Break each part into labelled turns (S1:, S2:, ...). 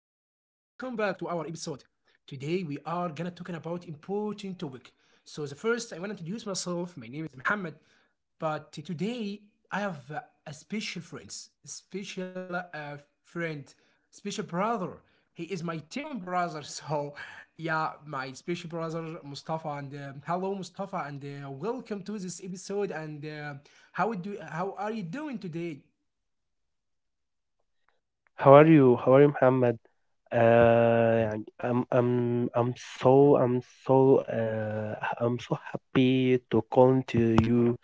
S1: welcome back to our episode. Today we are gonna talking about important topic. So the first I wanna introduce myself. My name is Mohammed, but today I have a special friends, special friend, special brother. He is my team brother. So yeah, my special brother Mustafa. And hello Mustafa, and welcome to this episode. And how are you doing today?
S2: How are you? How are you, Muhammad? يعني so I'm so uh, I'm so happy to call to you.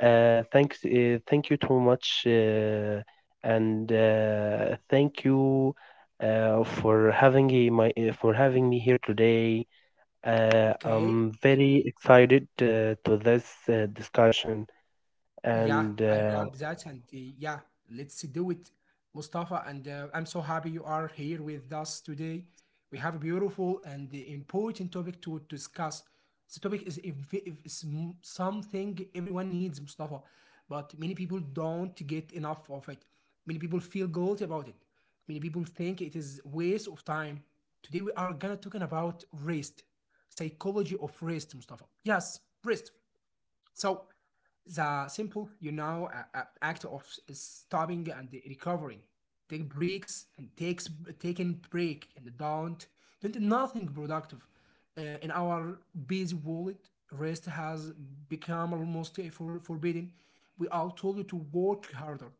S2: Thanks. Thank you too much, and thank you for having me- my for having me here today.
S1: Okay.
S2: I'm very excited to this discussion,
S1: Yeah,
S2: and
S1: I hope that. And yeah, let's do it, Mustafa. And I'm so happy you are here with us today. We have a beautiful and important topic to discuss. The topic is if is something everyone needs, Mustafa, but many people don't get enough of it. Many people feel guilty about it. Many people think it is waste of time. Today we are gonna talking about rest, psychology of rest, Mustafa. Yes, rest. So the simple, you know, act of stopping and recovering. Take breaks and takes taking break and don't do nothing productive. In our busy world, rest has become almost forbidden. We are told you to work harder,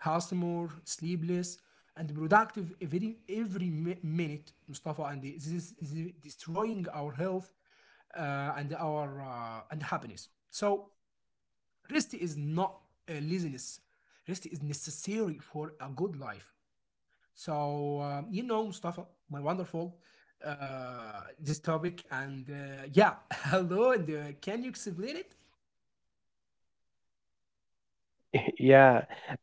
S1: hustle more, sleep less, and productive every minute, Mustafa. And this is destroying our health and our and happiness. So Rest is not a laziness. Rest is necessary for a good life. So you know, Mustafa, my wonderful this topic, and yeah, hello, and can you explain it?
S2: Yeah,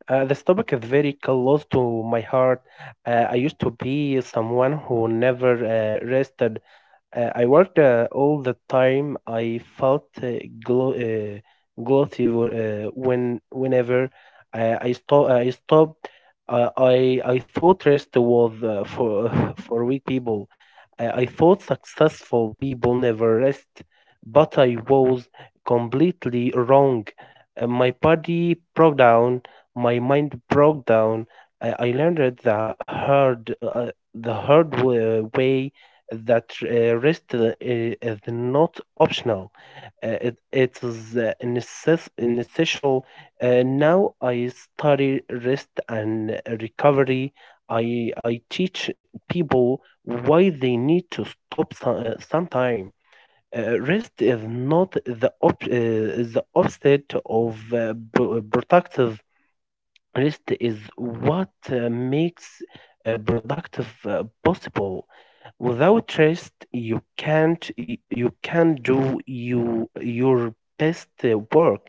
S2: uh, this topic is very close to my heart. I used to be someone who never rested. I worked all the time. I felt glo- uh, guilty whenever I stopped. I thought rest was for for weak people. I thought successful people never rest, but I was completely wrong. My body broke down. My mind broke down. I learned the hard way that rest is not optional. It is necessary. Now I study rest and recovery. I teach people why they need to stop sometime. Rest is not the opposite of productive. Rest is what makes productive possible. Without rest, you can't do your best work.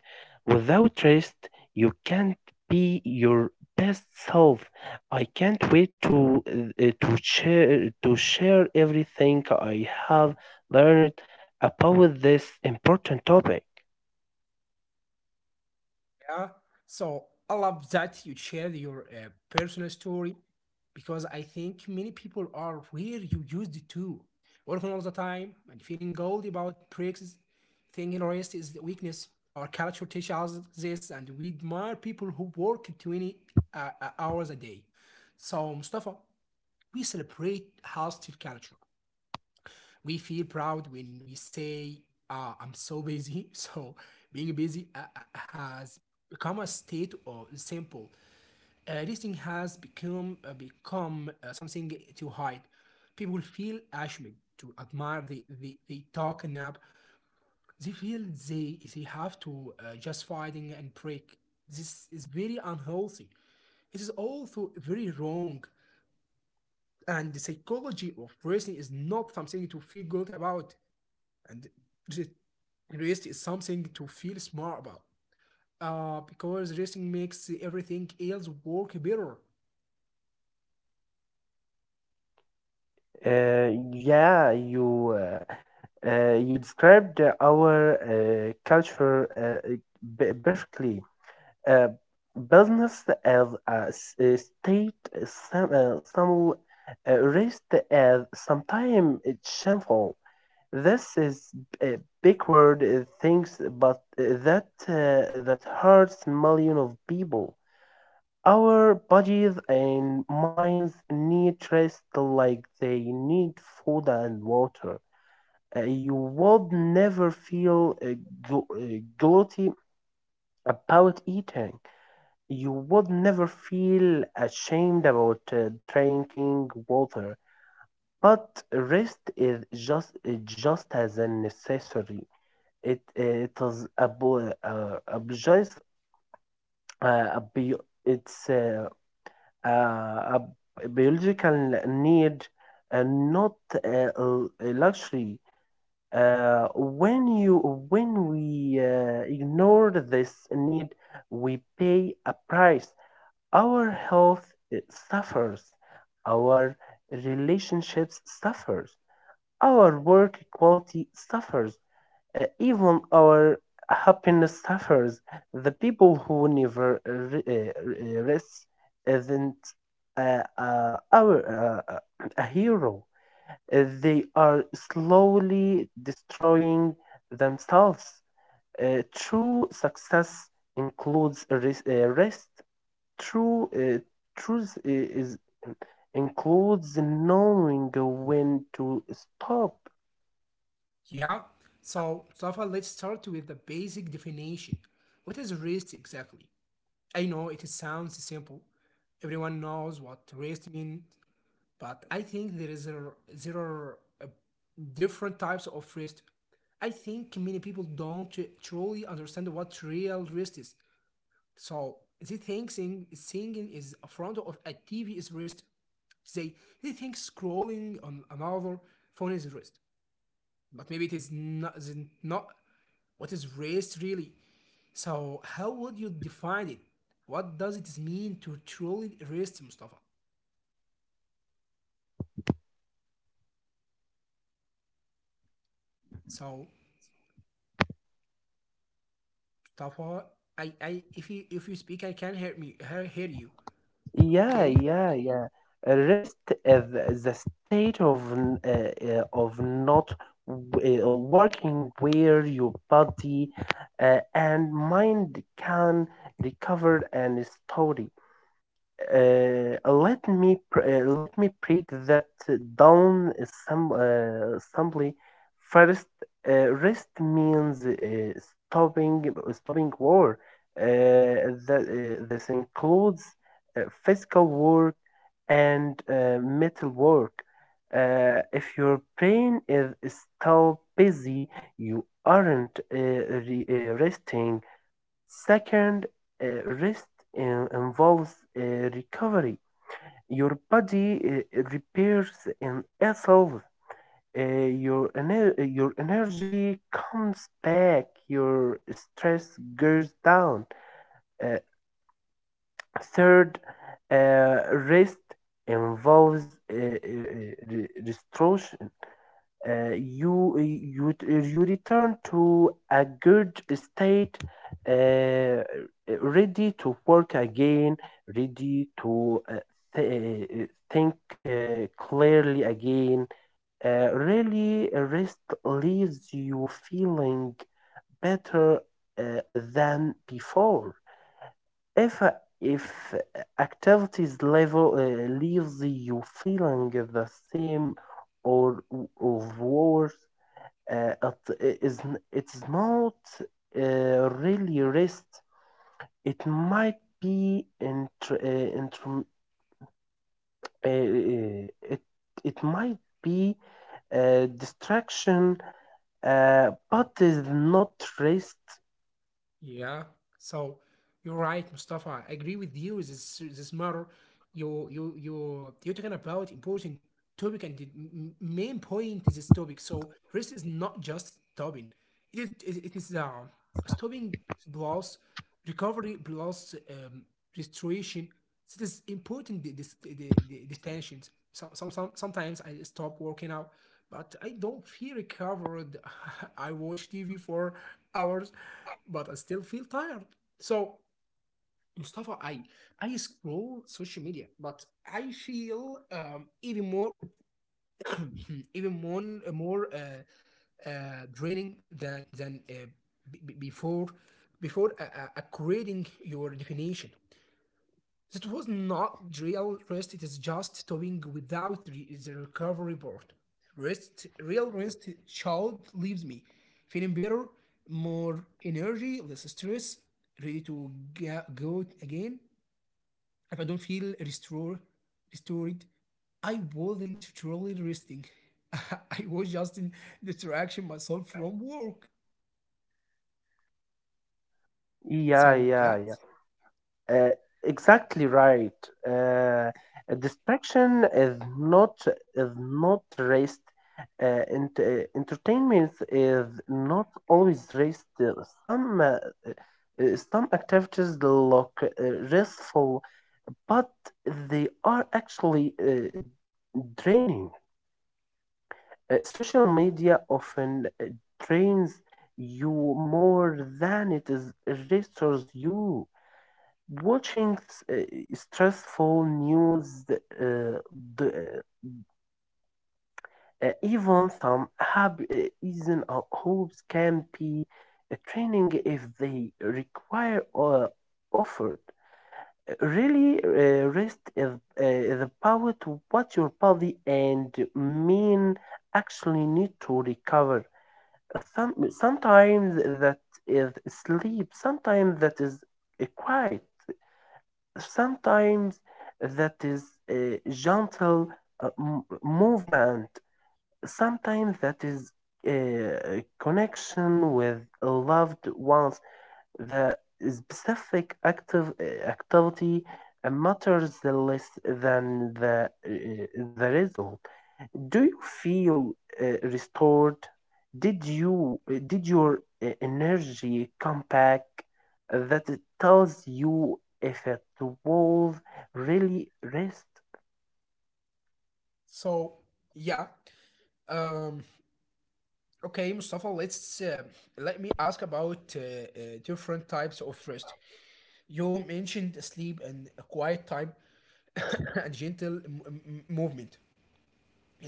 S2: Without rest, you can't be your best self. I can't wait to to share everything I have learned about this important topic.
S1: Yeah. So I love that you shared your personal story because I think many people are where you used it to. Working all the time and feeling guilty about breaks, thinking rest is the weakness. Our culture teaches us this, and we admire people who work 20 hours a day. So, Mustafa, we celebrate hostile culture we feel proud when we say, ah, I'm so busy. So being busy has become a state of simple. This thing has become become something to hide. People feel ashamed to admire. The talk and up. They feel they have to just fighting and break. This is very unhealthy. It is also very wrong. And the psychology of person is not something to feel guilty about and rest is something to feel smart about because resting makes everything else work better.
S2: Yeah, you described our culture perfectly. Uh, Business as a state, some rest as sometimes it's shameful. This is a big word things, but that hurts million of people. Our bodies and minds need rest like they need food and water. You would never feel guilty about eating. You would never feel ashamed about drinking water. But rest is just as necessary. It is obli- obligis- obli- it's uh, a biological need and not a luxury. When we ignore this need, we pay a price. Our health uh, suffers, our relationships suffers, our work quality suffers, even our happiness suffers. The people who never rest isn't our a hero. They are slowly destroying themselves. True success includes rest. True truth I- is includes knowing when to stop.
S1: Yeah. So, Safa, let's start with the basic definition. What is rest exactly? I know it sounds simple. Everyone knows what rest means, but I think there are different types of rest. I think many people don't truly understand what real rest is. So they think singing is a front of a TV is wrist. They they think scrolling on another phone is wrist, but maybe it is not what is wrist really. So how would you define it? What does it mean to truly wrist, Mustafa? So Mustafa, I if you speak, I can hear me hear you.
S2: Yeah,
S1: Okay.
S2: yeah, yeah. Rest is the state of not working where your body and mind can recover and story. Let me break that down some simply. First, rest means stopping war. Uh, that this includes physical work and mental work. If your brain is still busy, you aren't resting. Second, rest involves recovery. Your body repairs in itself. Your energy comes back. Your stress goes down. Uh, Third, rest involves restoration. You return to a good state uh, ready to work again, ready to th- uh, think clearly again. Really rest leaves you feeling better uh, than before. If if activities level leaves you feeling the same or, or worse, uh, it is it's not really rest. It might be inter, inter, it, it might be distraction but is not rest.
S1: Yeah. So You're right, Mustafa. I agree with you. This matter, you're talking about important topic and the main point is this topic. So rest is not just stopping. It it is stopping plus recovery plus restoration. So this important the distensions. Sometimes I stop working out, but I don't feel recovered. I watch TV for hours, but I still feel tired. So Mustafa, I scroll social media, but I feel even more even more more draining than before before creating your definition. That was not real rest. It is just doing without the recovery board. Rest, real rest, child leaves me feeling better, more energy, less stress, ready to go again if I don't feel restored, restored, I wasn't truly resting. I was just in distraction myself from work.
S2: Yeah,
S1: So
S2: yeah,
S1: yeah.
S2: yeah. Uh, exactly right. Uh, a distraction is not is not rest. Entertainment is not always rest. Some activities look restful, but they are actually draining. Social media often drains you more than it is restores you. Watching uh, stressful news, the, even some hab- even hopes can be training if they require effort. Really, rest is the power to watch your body and mind actually need to recover. Sometimes that is sleep, sometimes that is quiet, sometimes that is a gentle movement, sometimes that is a connection with loved ones. The specific active activity matters less than the result. Do you feel restored? Did you uh, did your energy come back? That it tells you if it was really rest.
S1: So yeah. Um. Okay, Mustafa. Let me ask about different types of rest. You mentioned sleep and quiet time and gentle movement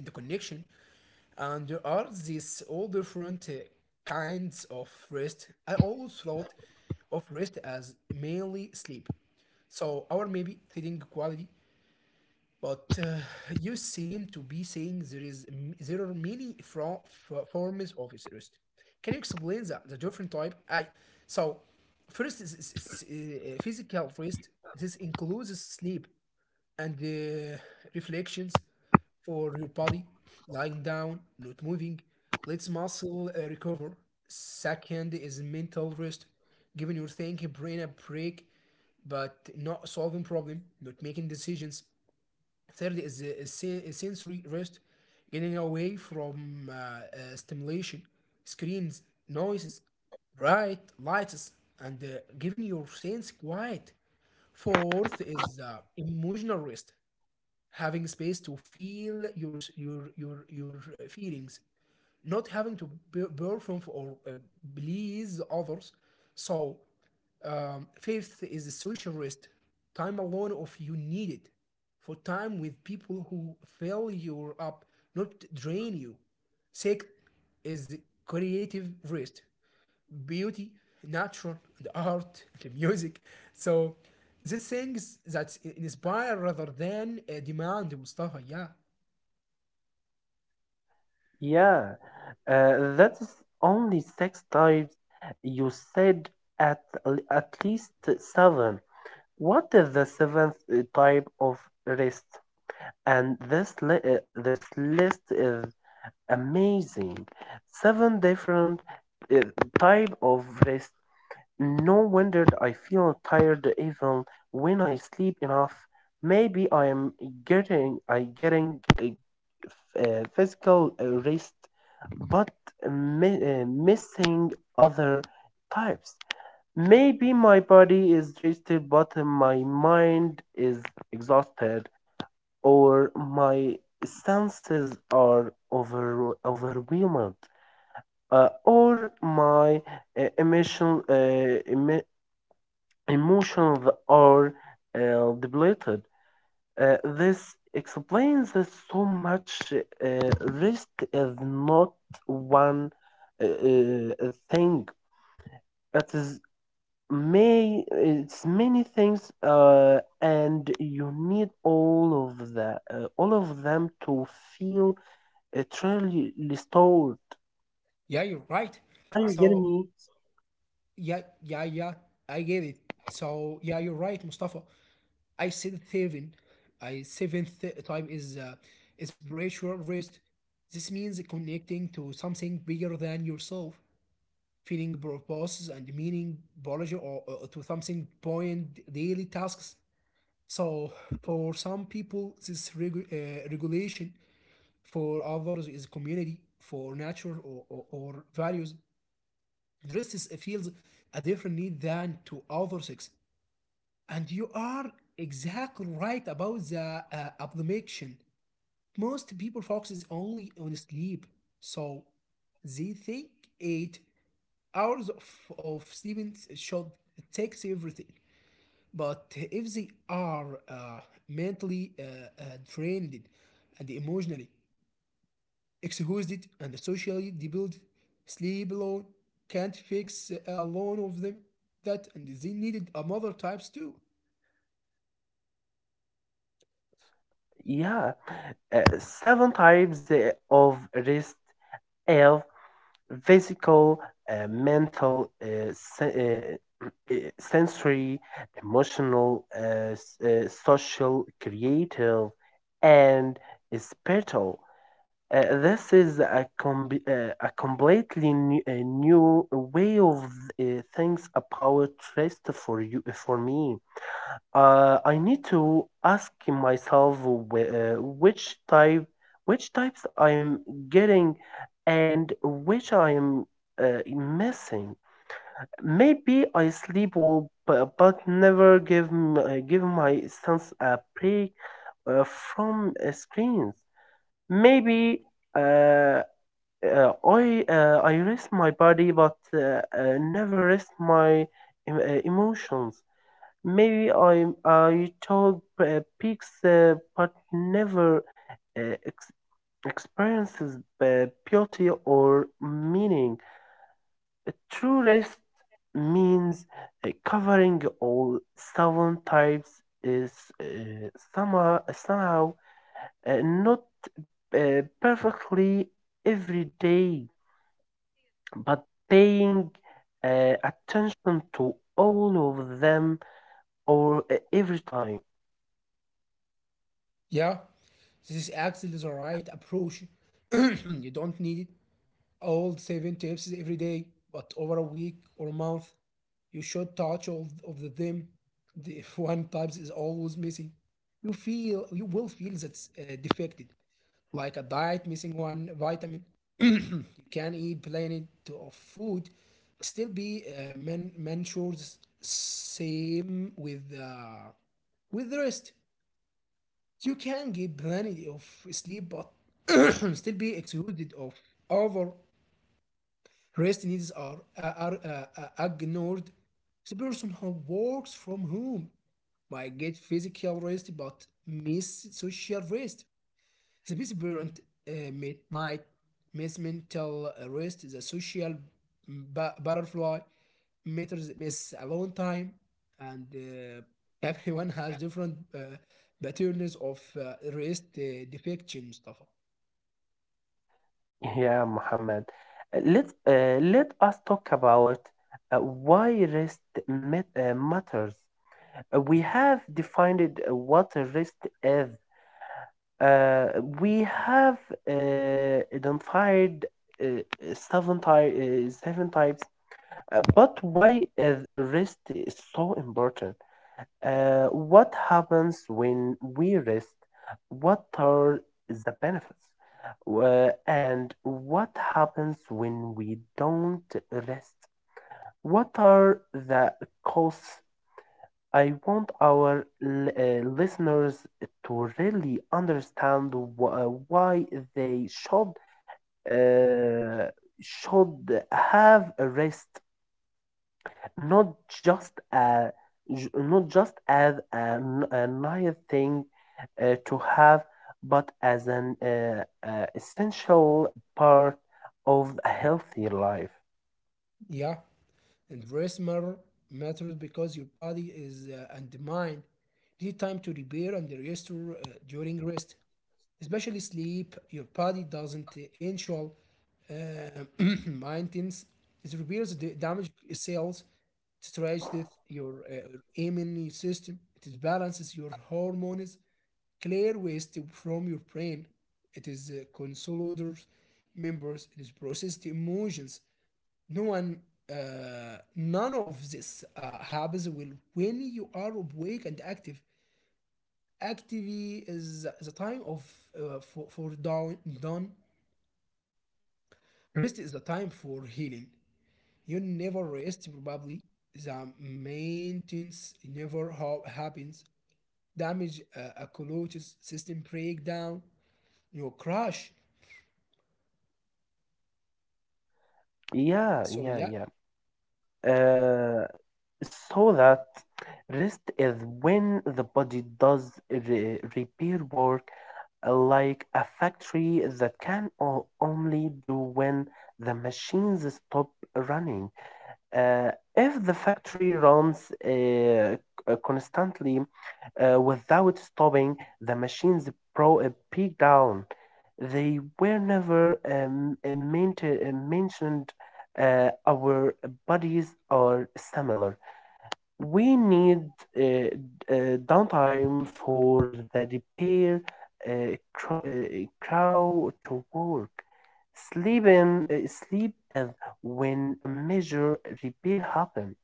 S1: and the connection and there are these all different kinds of rest. I always thought of rest as mainly sleep. So our maybe sleeping quality but you seem to be saying there are many forms of rest. Can you explain the different type? I so first is, physical rest. This includes sleep and reflections for your body, lying down, not moving, lets muscle recover. Second is mental rest, giving your thinking brain a break, but not solving problem, not making decisions Third is sensory rest, getting away from stimulation, screens, noises, bright lights, and giving your sense quiet. Fourth is emotional rest, having space to feel your s- your feelings, not having to perform or please others. So, fifth is the social rest. Time alone of you need it for time with people who fill you up, not drain you. Sixth is creative rest, beauty, nature, the art, the music. So, these things that inspire rather than demand, Mustafa. Yeah,
S2: Yeah, that is only six types. You said at at least seven. What is the seventh type of rest? And this list is amazing. Seven different uh, type of rest. No wonder that I feel tired even when I sleep enough. Maybe I getting physical rest, but missing other types. Maybe my body is rested, but my mind is exhausted, or my senses are over overwhelmed, or my uh, emotional uh, emo- emotions are depleted. This explains that so much. Rest is not one thing. It is may it's many things, and you need all of them to feel truly restored.
S1: yeah, you're right.
S2: Are you getting
S1: So
S2: me?
S1: Yeah, yeah, yeah. I get it. So yeah, you're right, Mustafa. I said it seven. I seventh time is spiritual rest. This means connecting to something bigger than yourself, feeling purposes and meaning, apology or to something beyond daily tasks. So for some people, this regulation. For others, is community. For nature or values, rest is, feels a different need than to other sex. And you are exactly right about the abdomination. Most people focuses only on sleep, so they think 8 hours of sleeping should takes everything. But if they are mentally drained and emotionally exhausted and socially debilitated, sleep alone can't fix alone of them that, and they needed another types too.
S2: Yeah, seven types of rest have physical, mental, sensory, emotional, social, creative, and spiritual. This is a completely new, a new way of uh, things about rest for you for me. I need to ask myself which types I'm getting, and which I'm missing. Maybe I sleep well, but never give my sons a break from screens. Maybe uh, I rest my body, but never rest my emotions. Maybe I took peaks, but never uh, ex- experiences beauty or meaning. A true rest means covering all seven types is uh, somehow somehow not perfectly every day, but paying attention to all of them or every time.
S1: Yeah, this actually is actually the right approach. you don't need all seven tips every day, but over a week or month, you should touch all of the them. The- If one type is always missing, you will feel that's defected, like a diet missing one vitamin. you can eat plenty of food, but still be mentors same with the rest. You can get plenty of sleep, but still be exhausted of over rest needs are ignored. The person who works from home might get physical rest but miss social rest. The best parent might miss mental rest, the social butterfly matters miss a long time, and everyone has different patterns of rest defection, Mustafa.
S2: Yeah, Muhammad. Let us talk about why rest matters. We have defined what a rest is. Uh, we have identified uh, seven types. But why is rest is so important? What happens when we rest? What are the benefits? And what happens when we don't rest? What are the costs? I want our listeners to really understand why they uh, should have a rest, not just a not just as a nice thing to have, but as an essential part of a healthy life.
S1: Yeah, and rest matter matters because your body is and the mind need time to repair and restore during rest. Especially sleep, your body doesn't ensure uh, maintenance. It repairs the damaged cells, stretches your immune system, it balances your hormones, clear waste from your brain. It is consolidates members, it is processed emotions. No one, none of this happens will when you are awake and active. Activity is the time of for down done. Rest is the time for healing. You never rest probably. The maintenance never happens. Damage accumulates. System breakdown. You crash.
S2: Yeah,
S1: So
S2: yeah,
S1: yeah,
S2: yeah. Uh, so that rest is when the body does repair work like a factory that can only do when the machines stop running. Uh, if the factory runs constantly without stopping, the machines peak down. They were never mentioned. Our bodies are similar. We need uh, downtime for the repair uh, crowd to work. Sleep as when a major repair happen,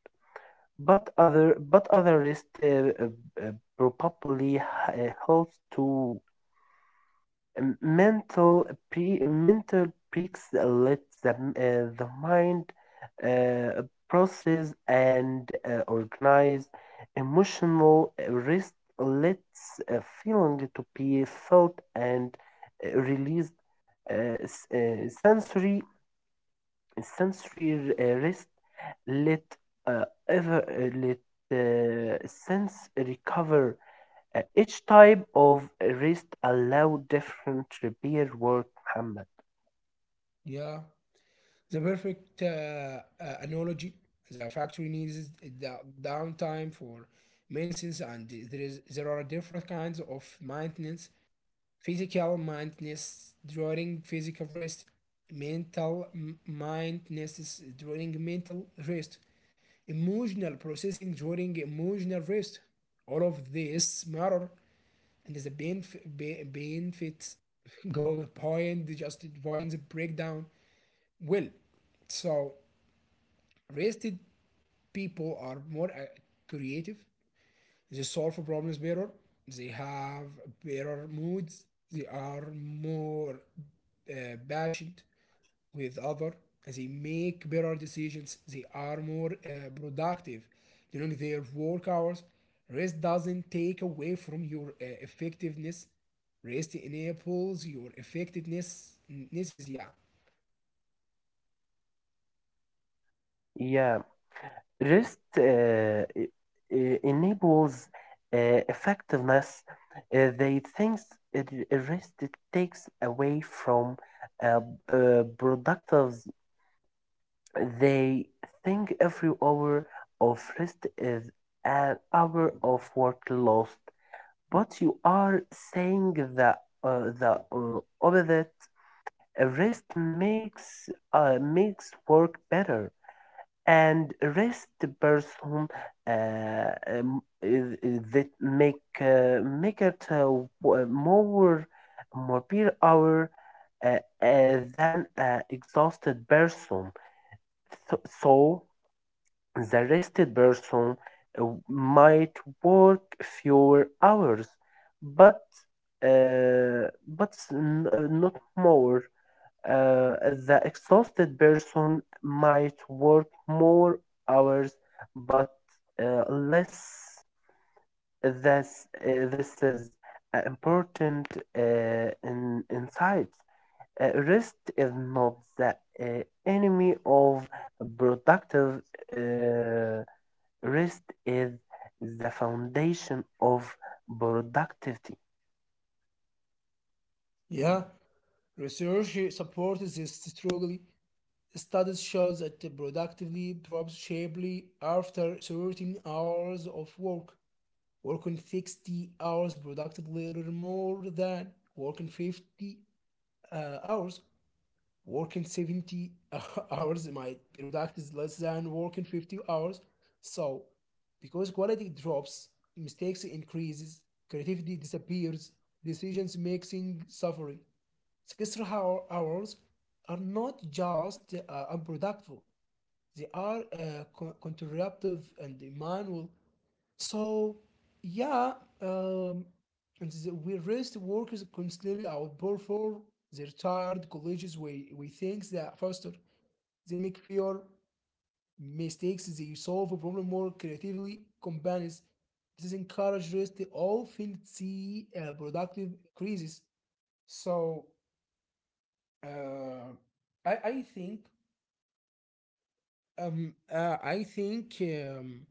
S2: but other rest probably helps too. Mental breaks lets the mind uh, process and organize. Emotional rest lets a feeling to be felt and released. uh, s- uh, sensory Sensory rest let ever let sense recover. Each type of wrist allow different repair work, Muhammad.
S1: yeah. The perfect analogy. The factory needs the downtime for maintenance, and there are different kinds of maintenance Physical mindness during physical rest. Mental mindness is during mental rest. Emotional processing during emotional rest. All of this matter and the benefits go point just avoid the breakdown. Well, so rested people are more creative, they solve problems better they have better moods they are more patient with other they make better decisions they are more productive during their work hours rest doesn't take away from your effectiveness rest enables your effectiveness this is yeah
S2: Yeah, wrist enables uh, effectiveness. They think it, a wrist it takes away from productives. They think every hour of rest is an hour of work lost. But you are saying the opposite. A rest makes makes work better, and rest person uh, um, that make make it more more per hour than exhausted person. So, so the rested person might work fewer hours, but not more. Uh, the exhausted person might work more hours, but less. This is an important uh, insight. Rest is not the uh, enemy of productive. uh, Rest is the foundation of productivity.
S1: Yeah. research supports this strongly Studies show that productivity drops sharply after certain hours of work. Working 60 hours productively earns more than working 50 hours. Working 70 hours might be productive less than working 50 hours. So, because quality drops, mistakes increases, creativity disappears, decisions making suffering. 60 hour hours are not just unproductive, they are counterproductive and immoral. So, yeah, um, and we rest workers constantly outperform their tired colleagues. We think that faster. They make fewer mistakes. They solve a problem more creatively. Companies this encourage rest. They often see productive increases. So, uh, I think I think um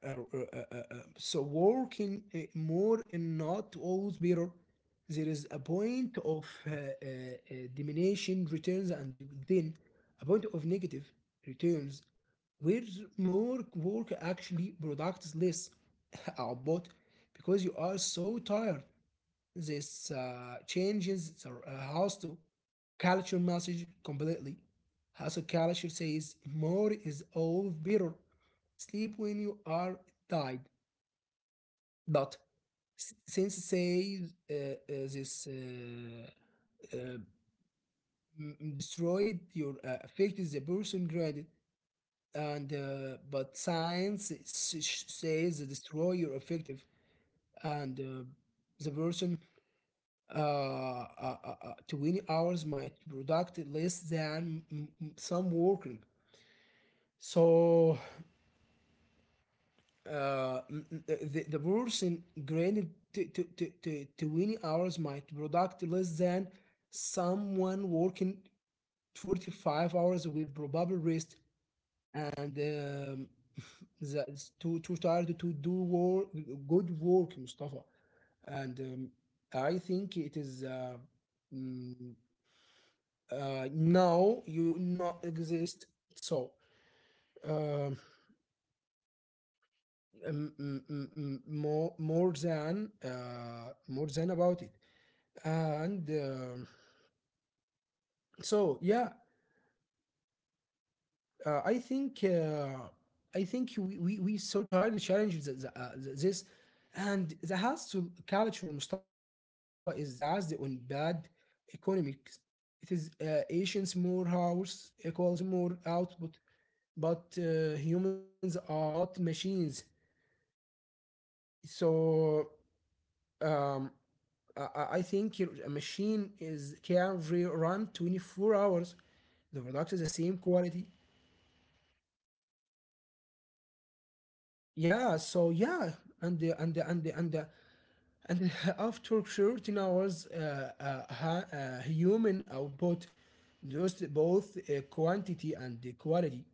S1: uh, uh, uh, uh, uh,
S2: So,
S1: so working more and not always better. There is a point of diminution returns and then a point of negative returns where more work actually products less output because you are so tired. This changes the hostile culture message completely. Hostile culture says more is always better. Sleep when you are tired. But since it says this uh, destroyed your affected the person graded, and but science says destroy your affective, and the person 20 hours might product less than some working. So the person granted to 20 hours might product less than someone working 45 hours with probable rest, and that's too tired to do work, good work, Mustafa. And I think it is mm, uh, no, you not exist. So um, more than more than about it, and so yeah, uh, I think uh, I think we so tired the challenges that this, and the hustle culture Mustafa is based on bad economics. It is Asians more hours equals more output, but humans are not machines. So um, I think your a machine is can re- run 24 hours. The product is the same quality. Yeah. So yeah, and the, and the, and the, and the, and the, after 13 hours, human output, just both quantity and the quality.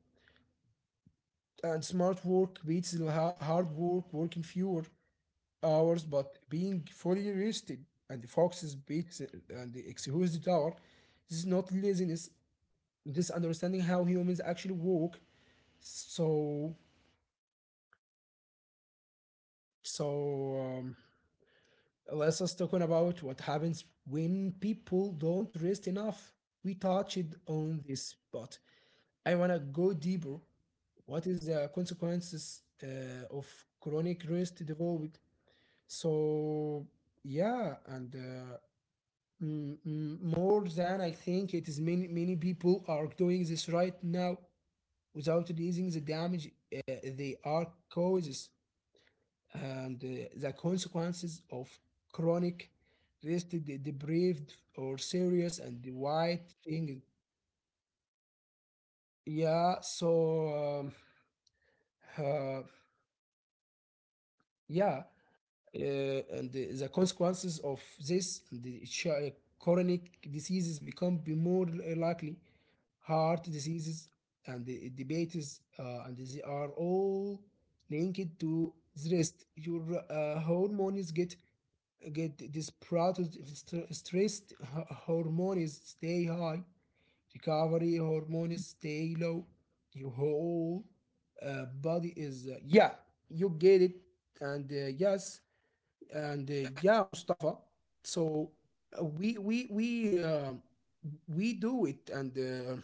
S1: And smart work beats the hard work, working fewer hours, but being fully rested, and the foxes beats it and the excuse the tower. This is not laziness. This understanding how humans actually work. So so um, let's us talking about what happens when people don't rest enough. We touched on this, but I wanna go deeper. What is the consequences of chronic rest developed? So yeah, and more than I think it is many many people are doing this right now without realizing the damage they are causes, and the consequences of chronic rest deprived or serious and wide thing, yeah. So um, uh, yeah, and the consequences of this the chronic diseases become be more likely, heart diseases and the diabetes, and they are all linked to stress. Your hormones get disrupted, stressed hormones stay high, recovery hormones stay low, your whole body is yeah, you get it. And yes, and yeah, Mustafa. So we we do it, and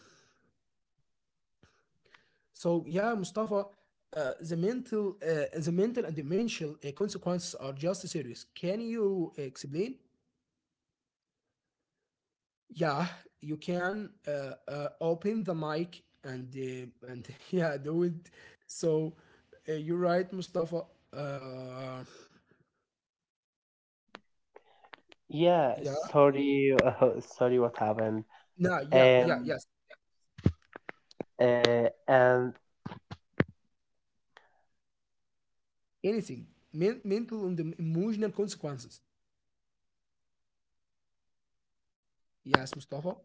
S1: so yeah, Mustafa, the mental and dimensional consequences are just serious, can you explain? Yeah, you can open the mic and yeah, do it. So you're right, Mustafa. Uh,
S2: yeah,
S1: yeah,
S2: sorry, sorry, what happened?
S1: no, yeah, yeah,
S2: And
S1: yes,
S2: and
S1: anything. Mental and emotional consequences. Yes, Mustafa.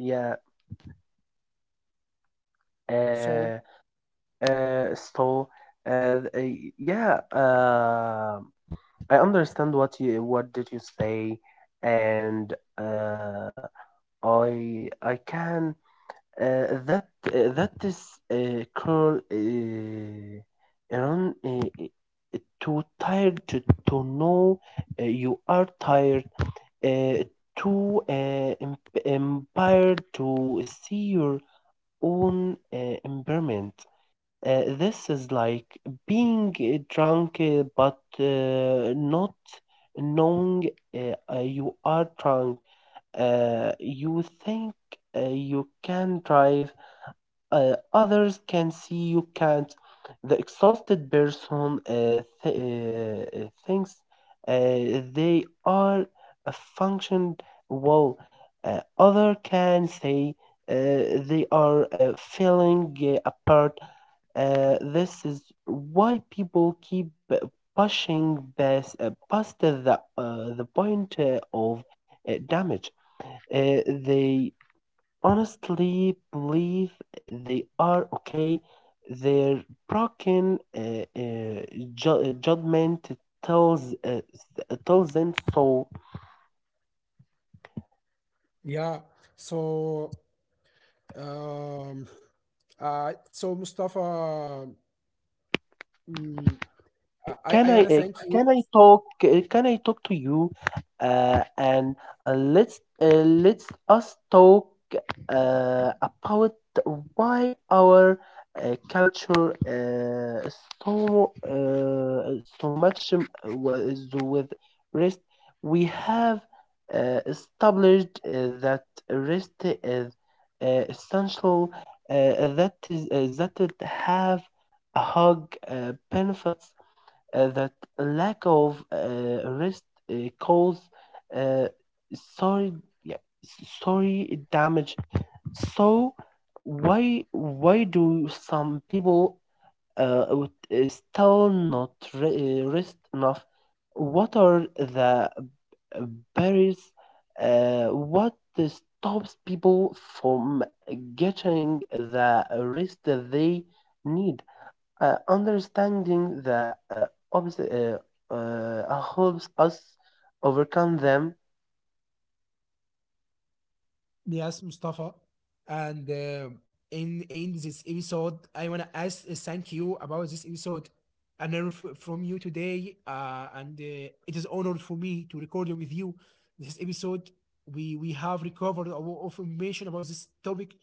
S2: yeah, uh,
S1: So,
S2: uh, so uh, th- yeah, uh, I understand what you what did you say, and uh, I can. That is cruel. Iran too tired to know you are tired. Uh, empowered to see your own impairment. This is like being drunk but not knowing you are drunk. You think you can drive, others can see you can't. The exhausted person thinks they are a function well. Other can say uh, they are feeling apart. This is why people keep past the point of damage. They honestly believe they are okay. Their broken uh, judgment tells uh, tells them so.
S1: yeah. So, um, so Mustafa, mm,
S2: Uh,
S1: I,
S2: Can
S1: I
S2: I
S1: want to
S2: uh,
S1: thank you.
S2: can I talk to you and uh, let's uh, let's us talk about why our culture is so much was with rest. We have established that rest is essential, uh, that is that it have a hug benefits, that lack of rest cause uh, sorry yeah, sorry damage. So why do some people still not rest enough? What are the barriers? What stops people from getting the rest they need? Understanding the opposite helps us overcome them.
S1: Yes, Mustafa. And in this episode, I wanna ask thank you about this episode. I learned from you today, and it is honor for me to record with you this episode. We have recovered a lot of information about this topic,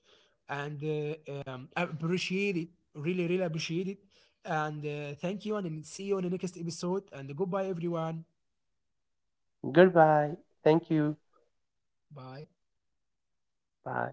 S1: and I appreciate it. Really, really appreciate it. And thank you, and see you on the next episode. And goodbye, everyone.
S2: Goodbye. Thank you.
S1: Bye.
S2: Bye.